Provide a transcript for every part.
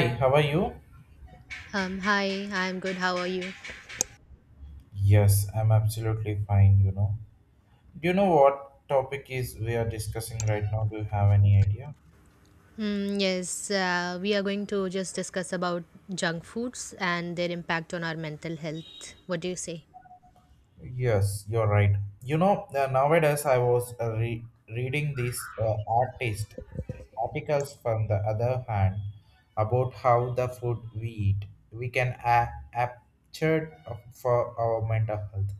Hi, how are you? Hi, I'm good. How are you? Yes, I'm absolutely fine. Do you know what topic is we are discussing right now? Do you have any idea? Mm, yes, We are going to just discuss about junk foods and their impact on our mental health. What do you say? Yes, you're right. Nowadays I was reading these artist articles from the other hand about how the food we eat we can capture for our mental health,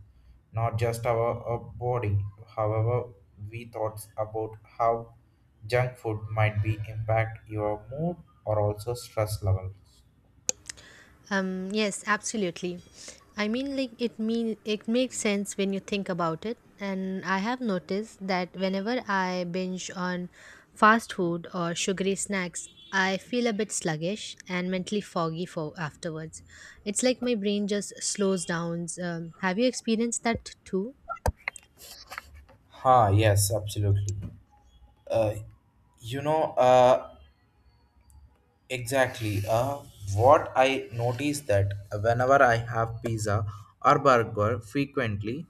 not just our body. However, we thoughts about how junk food might be impact your mood or also stress levels. Yes, absolutely. I mean, like it mean it makes sense when you think about it. And I have noticed that whenever I binge on fast food or sugary snacks, I feel a bit sluggish and mentally foggy for afterwards. It's like my brain just slows down. Have you experienced that too? Ha, yes, absolutely. Uh, you know, uh, Exactly. What I noticed that whenever I have pizza or burger frequently,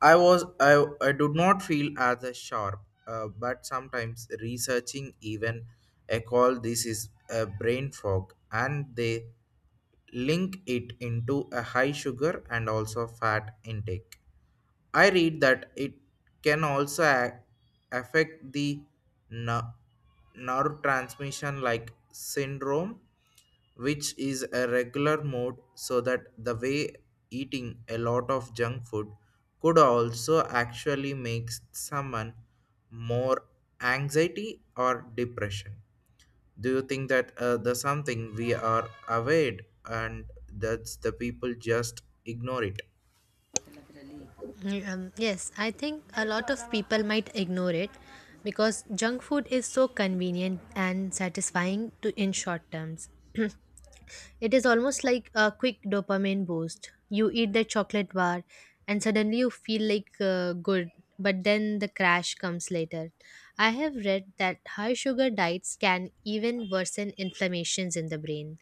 I did not feel as a sharp. But sometimes researching even I call this is a brain fog, and they link it into a high sugar and also fat intake I read that it can also affect the ner- nerve transmission like syndrome, which is a regular mode, so that the way eating a lot of junk food could also actually make someone more anxiety or depression. Do you think that the something we are aware and that's the people just ignore it? Yes, I think a lot of people might ignore it because junk food is so convenient and satisfying to in short terms. It is almost like a quick dopamine boost. You eat the chocolate bar and suddenly you feel like good, but then the crash comes later. I have read that high sugar diets can even worsen inflammations in the brain,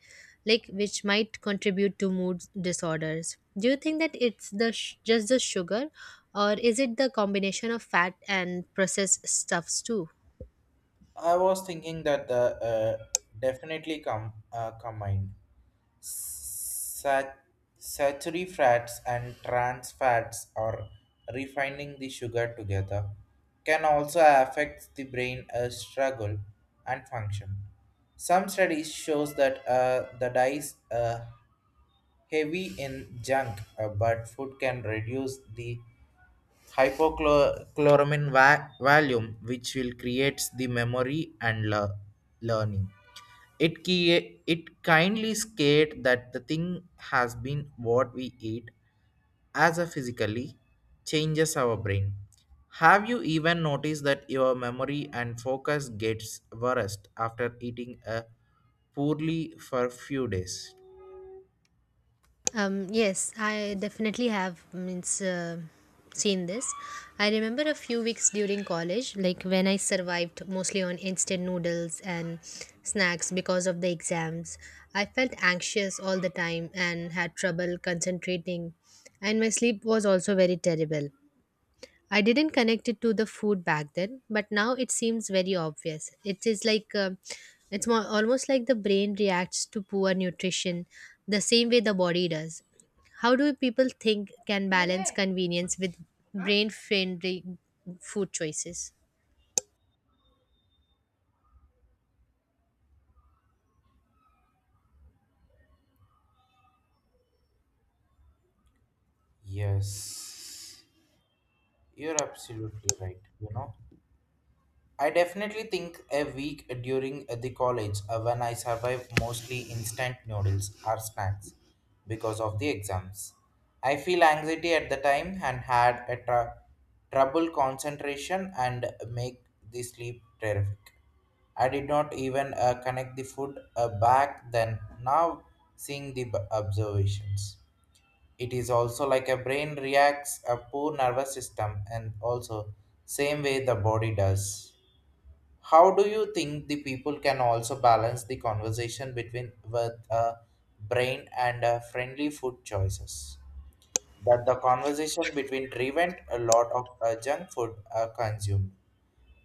like which might contribute to mood disorders. Do you think that it's just the sugar or is it the combination of fat and processed stuffs too? I was thinking that the definitely combined Sat- saturated fats and trans fats or refining the sugar together can also affect the brain struggle and function. Some studies shows that the diet heavy in junk but food can reduce the Hypochloramine volume which will creates the memory and learning. It kindly scared that the thing has been what we eat as a physically changes our brain. Have you even noticed that your memory and focus gets worse after eating a poorly for few days? Yes, I definitely have means seen this. I remember a few weeks during college, like when I survived mostly on instant noodles and snacks because of the exams. I felt anxious all the time and had trouble concentrating, and my sleep was also very terrible. I didn't connect it to the food back then, but now it seems very obvious. It is like it's more, almost like the brain reacts to poor nutrition the same way the body does. How do people think can balance convenience with brain friendly food choices? Yes, you're absolutely right. I definitely think a week during the college when I survive mostly instant noodles or snacks because of the exams. I feel anxiety at the time and had trouble concentration and make the sleep terrific. I did not even connect the food back then. Now seeing the observations. It is also like a brain reacts a poor nervous system and also same way the body does. How do you think the people can also balance the conversation between with a brain and friendly food choices? That the conversation between prevent a lot of junk food consumed.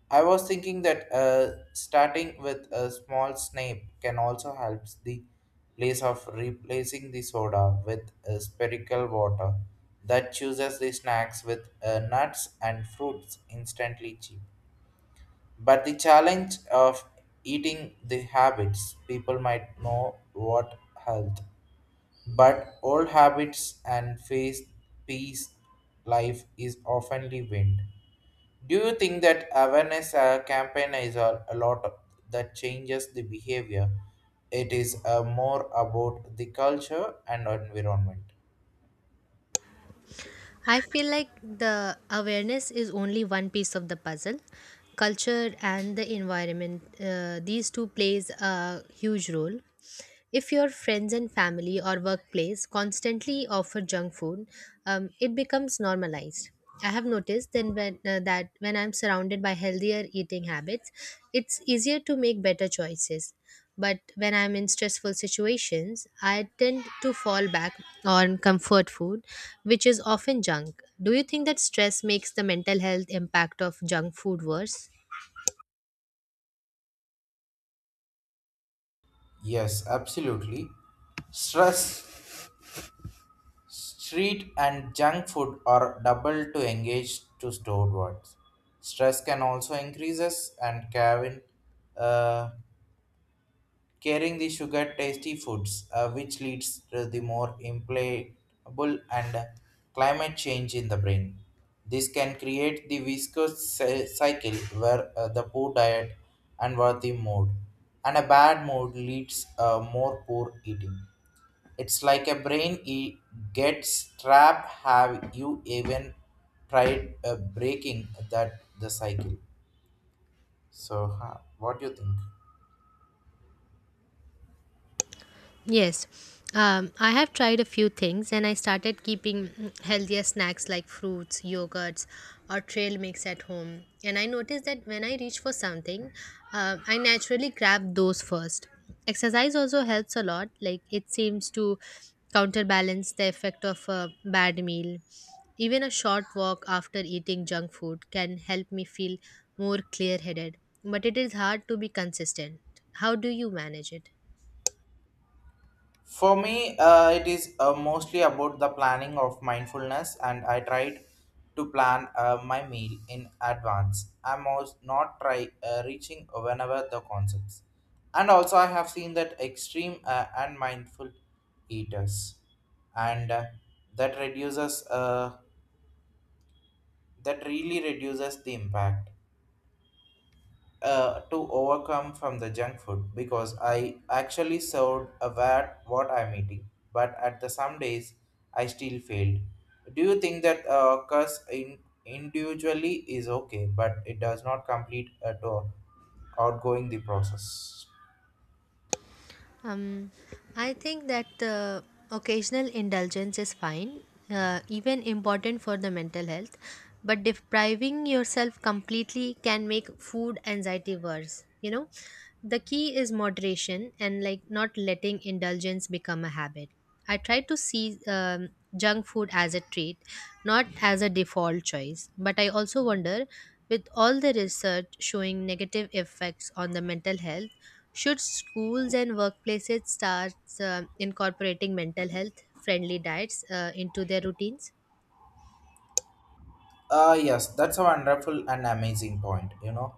I was thinking that starting with a small snack can also help the place of replacing the soda with spherical water that chooses the snacks with nuts and fruits instantly cheap. But the challenge of eating the habits, people might know what health, but old habits and face peace life is oftenly wind. Do you think that awareness campaign is that changes the behavior? It is more about the culture and environment. I feel like the awareness is only one piece of the puzzle. Culture and the environment, these two plays a huge role. If your friends and family or workplace constantly offer junk food, it becomes normalized. I have noticed that when I'm surrounded by healthier eating habits, it's easier to make better choices. But when I'm in stressful situations, I tend to fall back on comfort food, which is often junk. Do you think that stress makes the mental health impact of junk food worse? Yes, absolutely. Stress Street and junk food are double to engage to stored words. Stress can also increases and Kevin uh, carrying the sugar tasty foods, which leads to the more implacable and climate change in the brain. This can create the viscous cycle where the poor diet and worthy mood and a bad mood leads more poor eating. It's like a brain. It gets trapped. Have you even tried breaking that the cycle? So, what do you think? Yes. I have tried a few things and I started keeping healthier snacks like fruits, yogurts, or trail mix at home. And I noticed that when I reach for something, I naturally grab those first. Exercise also helps a lot, like, it seems to counterbalance the effect of a bad meal. Even a short walk after eating junk food can help me feel more clear headed, but it is hard to be consistent. How do you manage it? For me, it is mostly about the planning of mindfulness, and I tried to plan my meal in advance. I'm also not try reaching whenever the concepts, and also I have seen that extreme and mindful eaters, and that reduces uh, that really reduces the impact to overcome from the junk food because I actually served aware what I'm eating, but at the some days I still failed. Do you think that curse in individually is okay, but it does not complete at all outgoing the process? Um, I think that occasional indulgence is fine, even important for the mental health, but depriving yourself completely can make food anxiety worse. You know, the key is moderation and like not letting indulgence become a habit. I try to see junk food as a treat, not as a default choice. But I also wonder, with all the research showing negative effects on the mental health, should schools and workplaces start incorporating mental health friendly diets into their routines? Yes, that's a wonderful and amazing point. You know,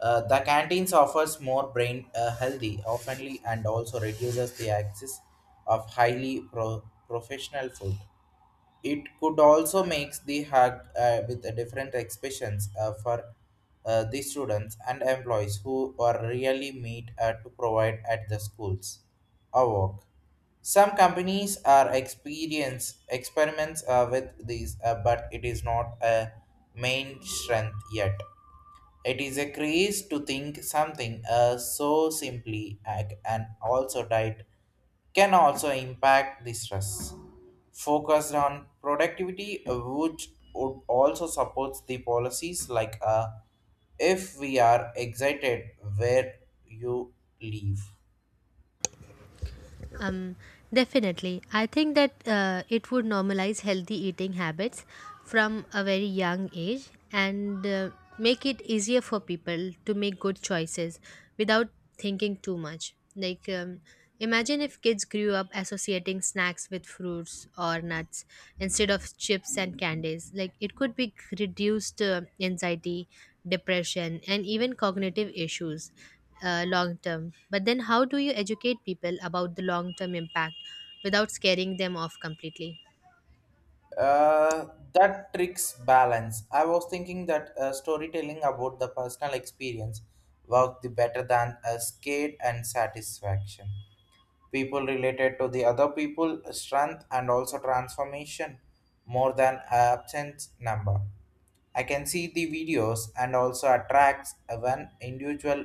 uh, The canteens offers more brain healthy, oftenly, and also reduces the access of highly professional food it could also makes the hack with a different expressions for the students and employees who are really made to provide at the schools or work. Some companies are experience experiments with these, but it is not a main strength yet. It is a craze to think something so simply and also diet can also impact the stress. Focused on productivity, which would also supports the policies like if we are excited where you leave. Um, Definitely. I think that it would normalize healthy eating habits from a very young age and make it easier for people to make good choices without thinking too much. Like, imagine if kids grew up associating snacks with fruits or nuts instead of chips and candies. Like, it could be reduced anxiety, depression, and even cognitive issues long term. But then, how do you educate people about the long term impact without scaring them off completely? Uh, that tricks balance. I was thinking that storytelling about the personal experience worked the better than a skate and satisfaction. People related to the other people strength and also transformation more than absence number. I can see the videos and also attracts when individual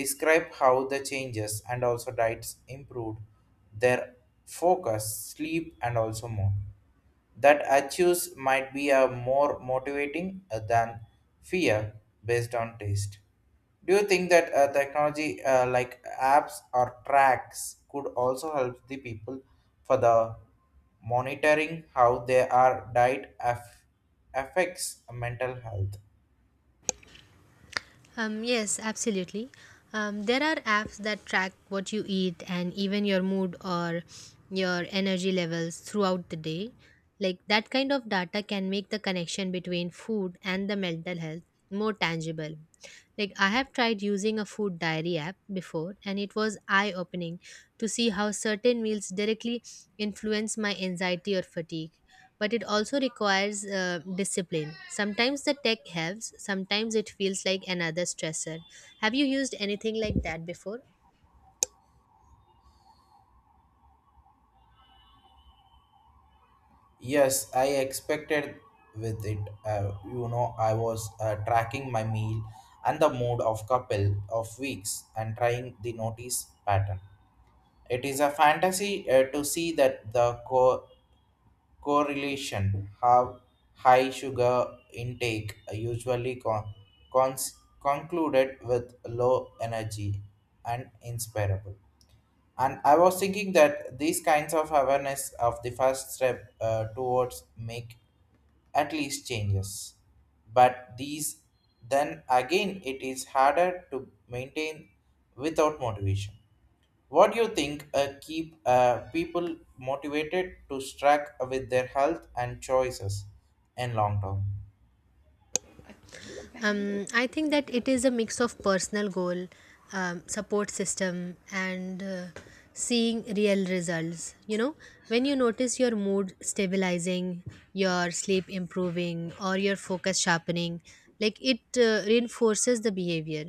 describe how the changes and also diets improved their focus, sleep and also more. That achieves might be a more motivating than fear based on taste. Do you think that technology like apps or tracks could also help the people for the monitoring how they are diet affects mental health? Yes, absolutely. There are apps that track what you eat and even your mood or your energy levels throughout the day. Like that kind of data can make the connection between food and the mental health more tangible. Like I have tried using a food diary app before, and it was eye opening to see how certain meals directly influence my anxiety or fatigue. But it also requires discipline. Sometimes the tech helps, sometimes it feels like another stressor. Have you used anything like that before? Yes, I expected with it. I was tracking my meal and the mood of couple of weeks and trying the notice pattern. It is a fantasy to see that the correlation how high sugar intake usually cons- concluded with low energy and inspirable. And I was thinking that these kinds of awareness of the first step towards make at least changes. But these, then again, it is harder to maintain without motivation. What do you think keep people motivated to strike with their health and choices in long term? I think that it is a mix of personal goal, support system, and seeing real results. You know, when you notice your mood stabilizing, your sleep improving, or your focus sharpening, like it reinforces the behavior.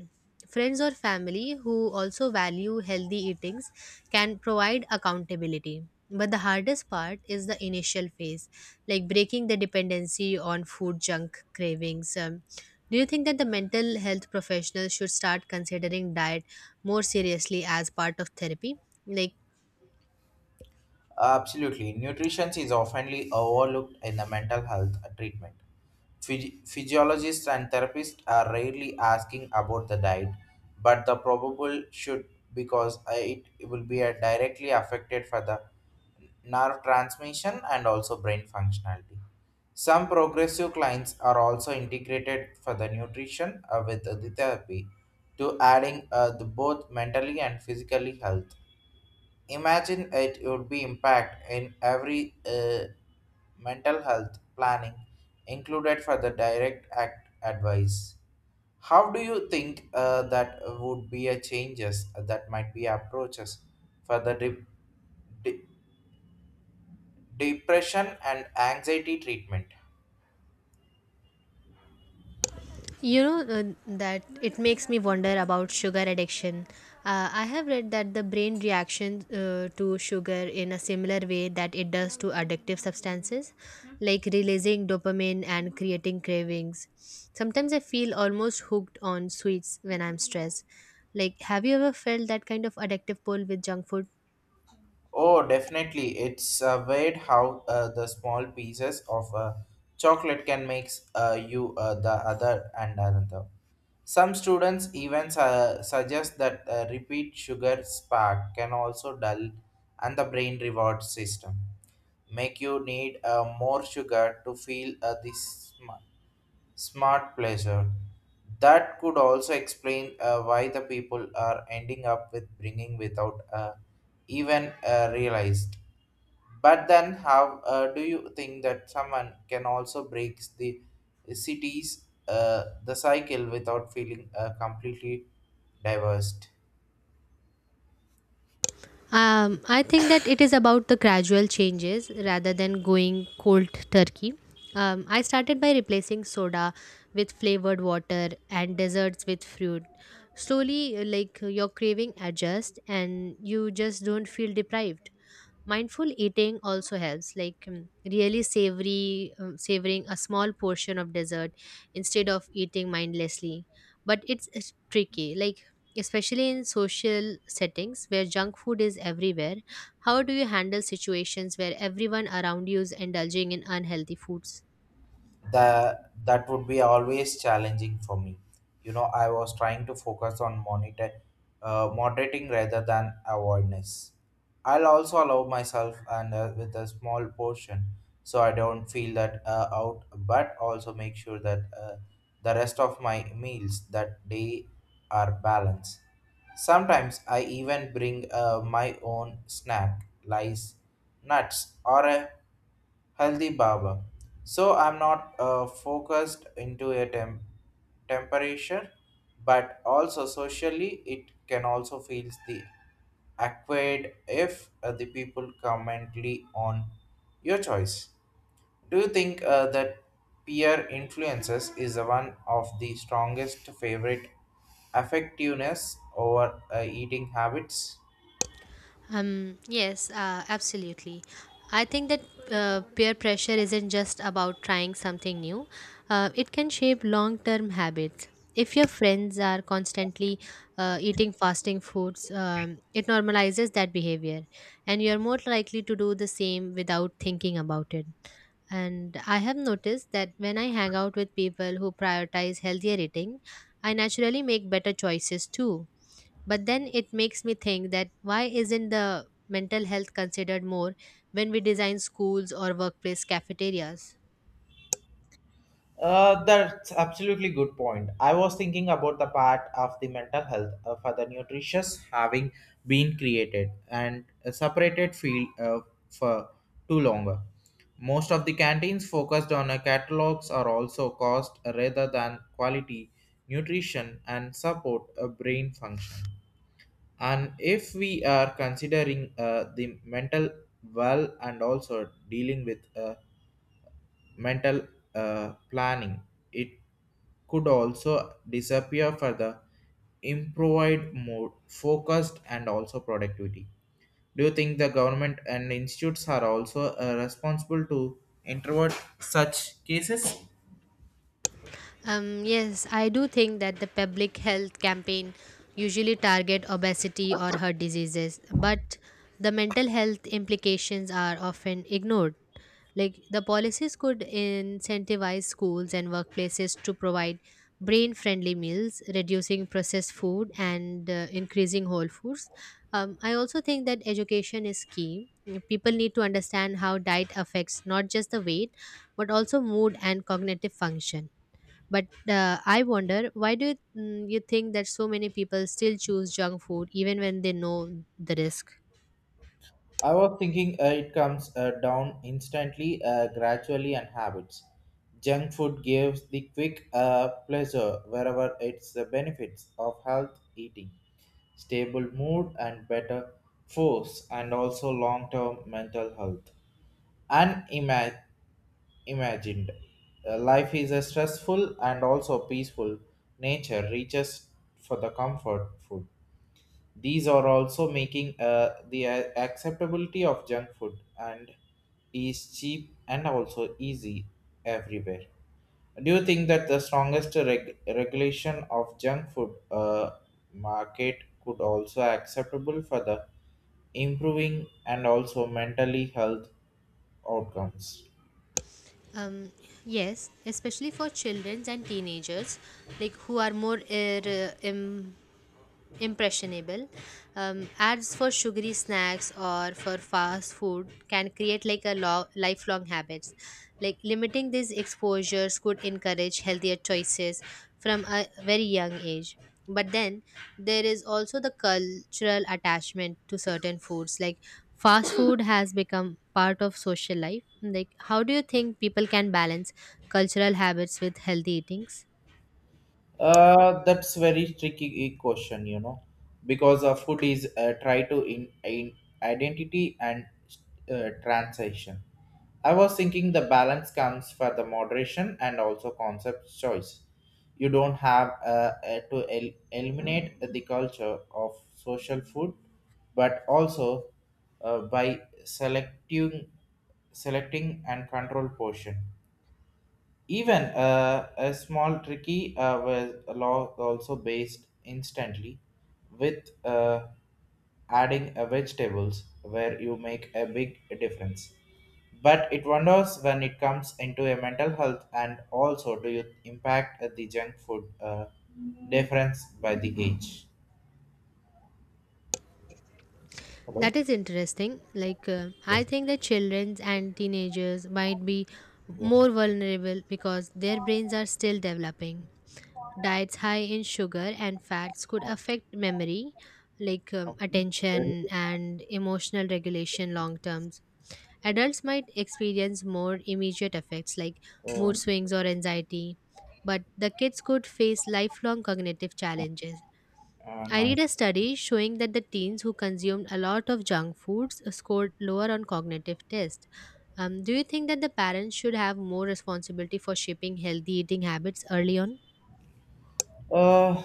Friends or family who also value healthy eatings can provide accountability. But the hardest part is the initial phase, like breaking the dependency on food junk cravings. Do you think that the mental health professionals should start considering diet more seriously as part of therapy? Like, Absolutely. Nutrition is often overlooked in the mental health treatment. Physiologists and therapists are rarely asking about the diet, but the probable should because it will be directly affected for the nerve transmission and also brain functionality. Some progressive clients are also integrated for the nutrition with the therapy to adding the both mentally and physically health. Imagine it would be impact in every mental health planning included for the direct act advice. How do you think that would be a changes that might be approaches for the de- depression and anxiety treatment? You know uh, that it makes me wonder about sugar addiction. I have read that the brain reaction to sugar in a similar way that it does to addictive substances, like releasing dopamine and creating cravings. Sometimes I feel almost hooked on sweets when I'm stressed. Like, have you ever felt that kind of addictive pull with junk food? Oh, definitely. It's weird how the small pieces of chocolate can make you the other and another. Some students even suggest that repeat sugar spark can also dull and the brain reward system, make you need more sugar to feel this smart pleasure. That could also explain why the people are ending up with bringing without even realized. But then, how do you think that someone can also break the cycle without feeling completely divorced? I think that it is about the gradual changes rather than going cold turkey. I started by replacing soda with flavored water and desserts with fruit. Slowly, like your craving adjusts and you just don't feel deprived. Mindful eating also helps, like savoring a small portion of dessert instead of eating mindlessly. But it's tricky. Like especially in social settings where junk food is everywhere, how do you handle situations where everyone around you is indulging in unhealthy foods? The that would be always challenging for me. I was trying to focus on monitor moderating rather than avoidance. I'll also allow myself and with a small portion so I don't feel that out, but also make sure that the rest of my meals that day are balanced. Sometimes I even bring my own snack lice nuts or a healthy barber. So I'm not focused into a temperature, but also socially it can also feel the acquired if the people commently on your choice. Do you think that peer influences is the one of the strongest favorite effectiveness over eating habits? um yes Absolutely, I think that peer pressure isn't just about trying something new. It can shape long term habits. If your friends are constantly eating fasting foods, it normalizes that behavior and you are more likely to do the same without thinking about it. And I have noticed that when I hang out with people who prioritize healthier eating, I naturally make better choices too. But then it makes me think that why isn't the mental health considered more when we design schools or workplace cafeterias? That's absolutely good point. I was thinking about the part of the mental health for the nutritious having been created and a separated field for too longer. Most of the canteens focused on catalogs are also cost rather than quality, nutrition, and support a brain function. And if we are considering the mental well and also dealing with mental planning. It could also disappear for the improved mode, focused and also productivity. Do you think the government and institutes are also responsible to introvert such cases? Yes, I do think that the public health campaign usually target obesity or heart diseases, but the mental health implications are often ignored. Like the policies could incentivize schools and workplaces to provide brain friendly meals, reducing processed food and increasing whole foods. I also think that education is key. People need to understand how diet affects not just the weight, but also mood and cognitive function. But I wonder, why do you think that so many people still choose junk food even when they know the risk? I was thinking it comes down instantly, gradually, and habits. Junk food gives the quick pleasure wherever it's the benefits of health eating, stable mood, and better force, and also long term mental health. Unimagined imagined. Life is a stressful and also peaceful nature reaches for the comfort food. These are also making the acceptability of junk food and is cheap and also easy everywhere. Do you think that the strongest regulation of junk food market could also acceptable for the improving and also mentally health outcomes? Um, yes, especially for children and teenagers, like who are more impressionable. Ads for sugary snacks or for fast food can create like lifelong habits. Like limiting these exposures could encourage healthier choices from a very young age. But then there is also the cultural attachment to certain foods, like fast food has become part of social life. Like how do you think people can balance cultural habits with healthy eatings? That's very tricky question, because food is try to in identity and transition. I was thinking the balance comes for the moderation and also concept choice. You don't have eliminate the culture of social food, but also by selecting and control portion. Even a small tricky was also based instantly with adding vegetables where you make a big difference. But it wonders when it comes into a mental health and also do you impact the junk food difference by the age. That Hello? is interesting. Like, I Yes. think that children and teenagers might be Yeah. more vulnerable because their brains are still developing. Diets high in sugar and fats could Okay. affect memory, like Okay. There attention is, and emotional regulation long terms. Adults might experience more immediate effects like mood um, swings or anxiety, but the kids could face lifelong cognitive challenges. I read noise. a study showing that the teens who consumed a lot of junk foods scored lower on cognitive tests. Do you think that the parents should have more responsibility for shaping healthy eating habits early on? Uh,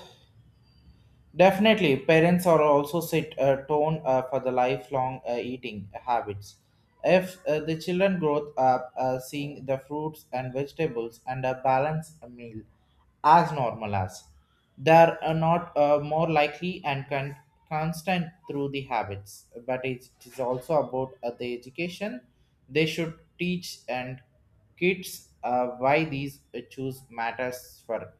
Definitely, parents are also set a tone for the lifelong eating habits. If the children grow up seeing the fruits and vegetables and a balanced meal as normal as, they are not more likely and constant through the habits. But it is also about the education. They should teach and kids why these choose matters for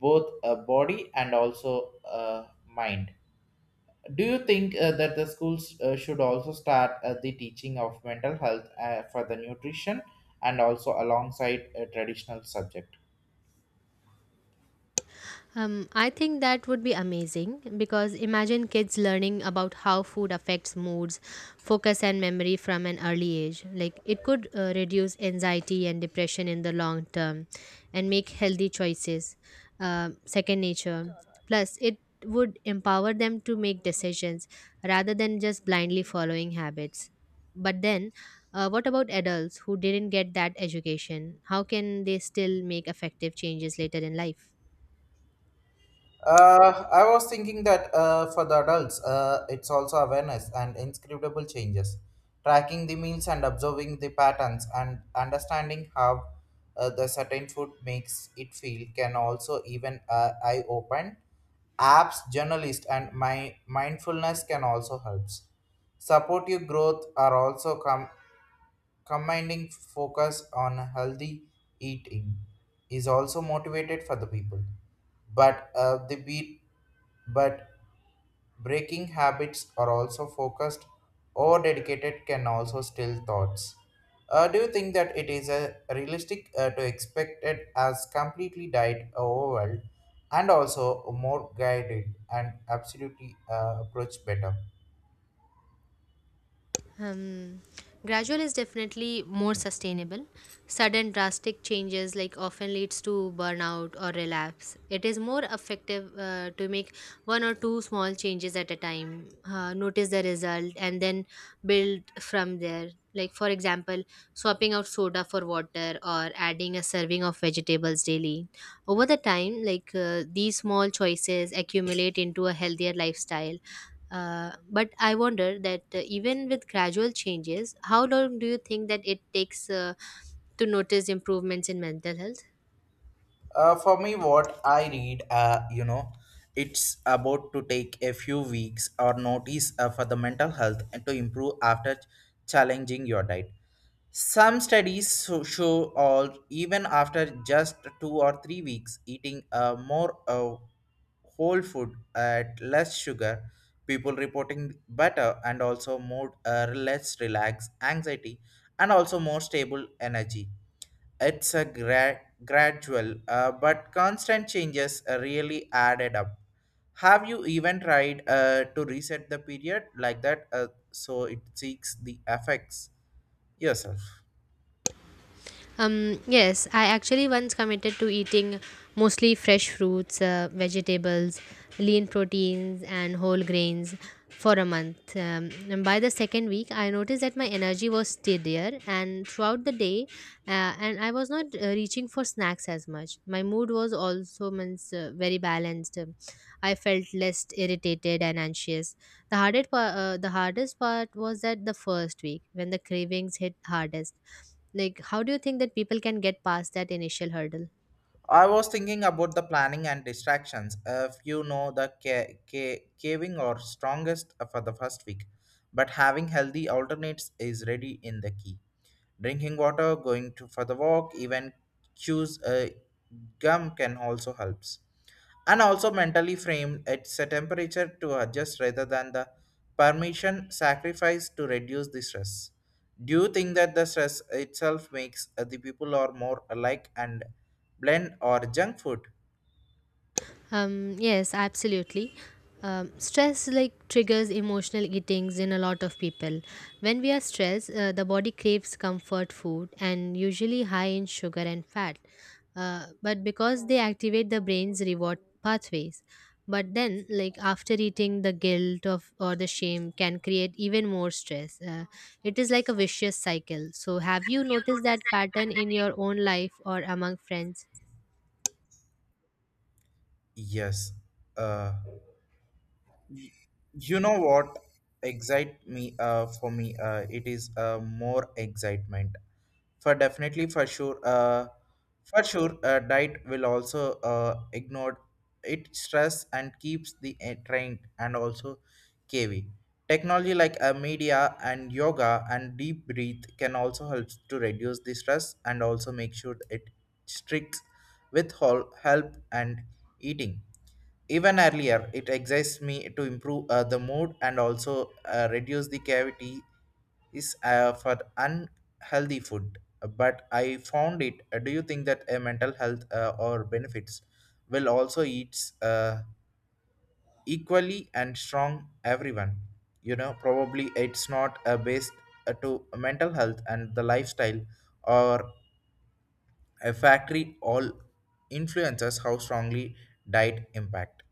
both a body and also a mind. Do you think that the schools should also start the teaching of mental health for the nutrition and also alongside a traditional subject? I think that would be amazing because imagine kids learning about how food affects moods, focus, and memory from an early age. Like it could reduce anxiety and depression in the long term and make healthy choices, second nature. Plus, it would empower them to make decisions rather than just blindly following habits. But then, what about adults who didn't get that education? How can they still make effective changes later in life? I was thinking that for the adults, it's also awareness and inscribable changes, tracking the meals and observing the patterns and understanding how the certain food makes it feel can also even eye open. Apps, journalist, and my mindfulness can also helps. Supportive growth are also combining focus on healthy eating is also motivated for the people but the beat but breaking habits are also focused or dedicated can also still thoughts. Do you think that it is a realistic to expect it as completely died overwhelmed and also more guided and absolutely approach better? Um, Gradual is definitely more sustainable. Sudden drastic changes like often leads to burnout or relapse. It is more effective to make one or two small changes at a time, notice the result, and then build from there. Like for example, swapping out soda for water or adding a serving of vegetables daily. Over the time, like these small choices accumulate into a healthier lifestyle. But I wonder that even with gradual changes, how long do you think that it takes to notice improvements in mental health? For me, what I read, it's about to take a few weeks or notice for the mental health and to improve after challenging your diet. Some studies show all even after just 2 or 3 weeks eating a more whole food at less sugar, people reporting better and also more less relaxed anxiety and also more stable energy. It's a gradual but constant changes really added up. Have you even tried to reset the period like that so it seeks the effects yourself? Yes, I actually once committed to eating mostly fresh fruits, vegetables, lean proteins, and whole grains for a month. And by the second week, I noticed that my energy was steadier, and throughout the day, and I was not reaching for snacks as much. My mood was also very balanced. I felt less irritated and anxious. The hardest part was that the first week when the cravings hit hardest. Like, how do you think that people can get past that initial hurdle? I was thinking about the planning and distractions. If you know the caving or strongest for the first week, but having healthy alternates is ready in the key. Drinking water, going to for the walk, even choose a gum can also helps and also mentally framed it's a temperature to adjust rather than the permission sacrifice to reduce the stress. Do you think that the stress itself makes the people are more alike and blend or junk food? Yes, absolutely. Stress like triggers emotional eatings in a lot of people. When we are stressed, the body craves comfort food and usually high in sugar and fat. But because they activate the brain's reward pathways. But then, like after eating, the guilt of or the shame can create even more stress. It is like a vicious cycle. So, have you noticed that pattern in your own life or among friends? Yes. uh, y- you know what excite me for me it is more excitement for definitely for sure uh for sure diet will also ignore it stress and keeps the trained and also kv technology like media and yoga and deep breath can also help to reduce the stress and also make sure it strict with whole help and eating even earlier it excites me to improve the mood and also reduce the cavity is for unhealthy food. But I found it do you think that mental health or benefits will also eats equally and strong everyone? You know probably it's not based to mental health and the lifestyle or a factory all influences how strongly diet impact.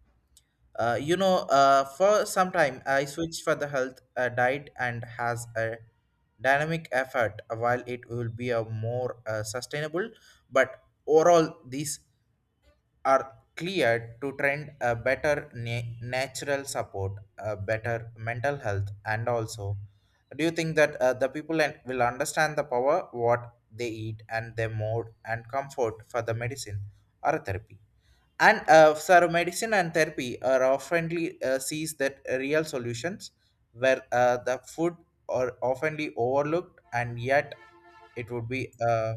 For some time I switched for the health diet and has a dynamic effort while it will be a more sustainable. But overall, these are clear to trend a better natural support, a better mental health, and also, do you think that the people and will understand the power what they eat and their mode and comfort for the medicine or therapy? And so medicine and therapy are oftenly sees that real solutions where the food are oftenly overlooked and it would be uh,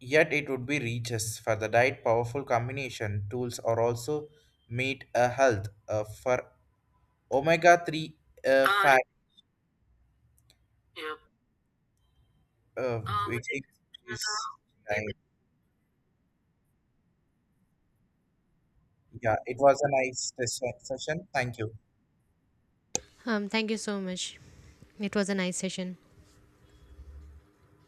yet it would be reaches for the diet powerful combination tools are also meet a health for omega 3 fat uh, we think is right. Yeah, it was a nice session. Thank you. Thank you so much. It was a nice session.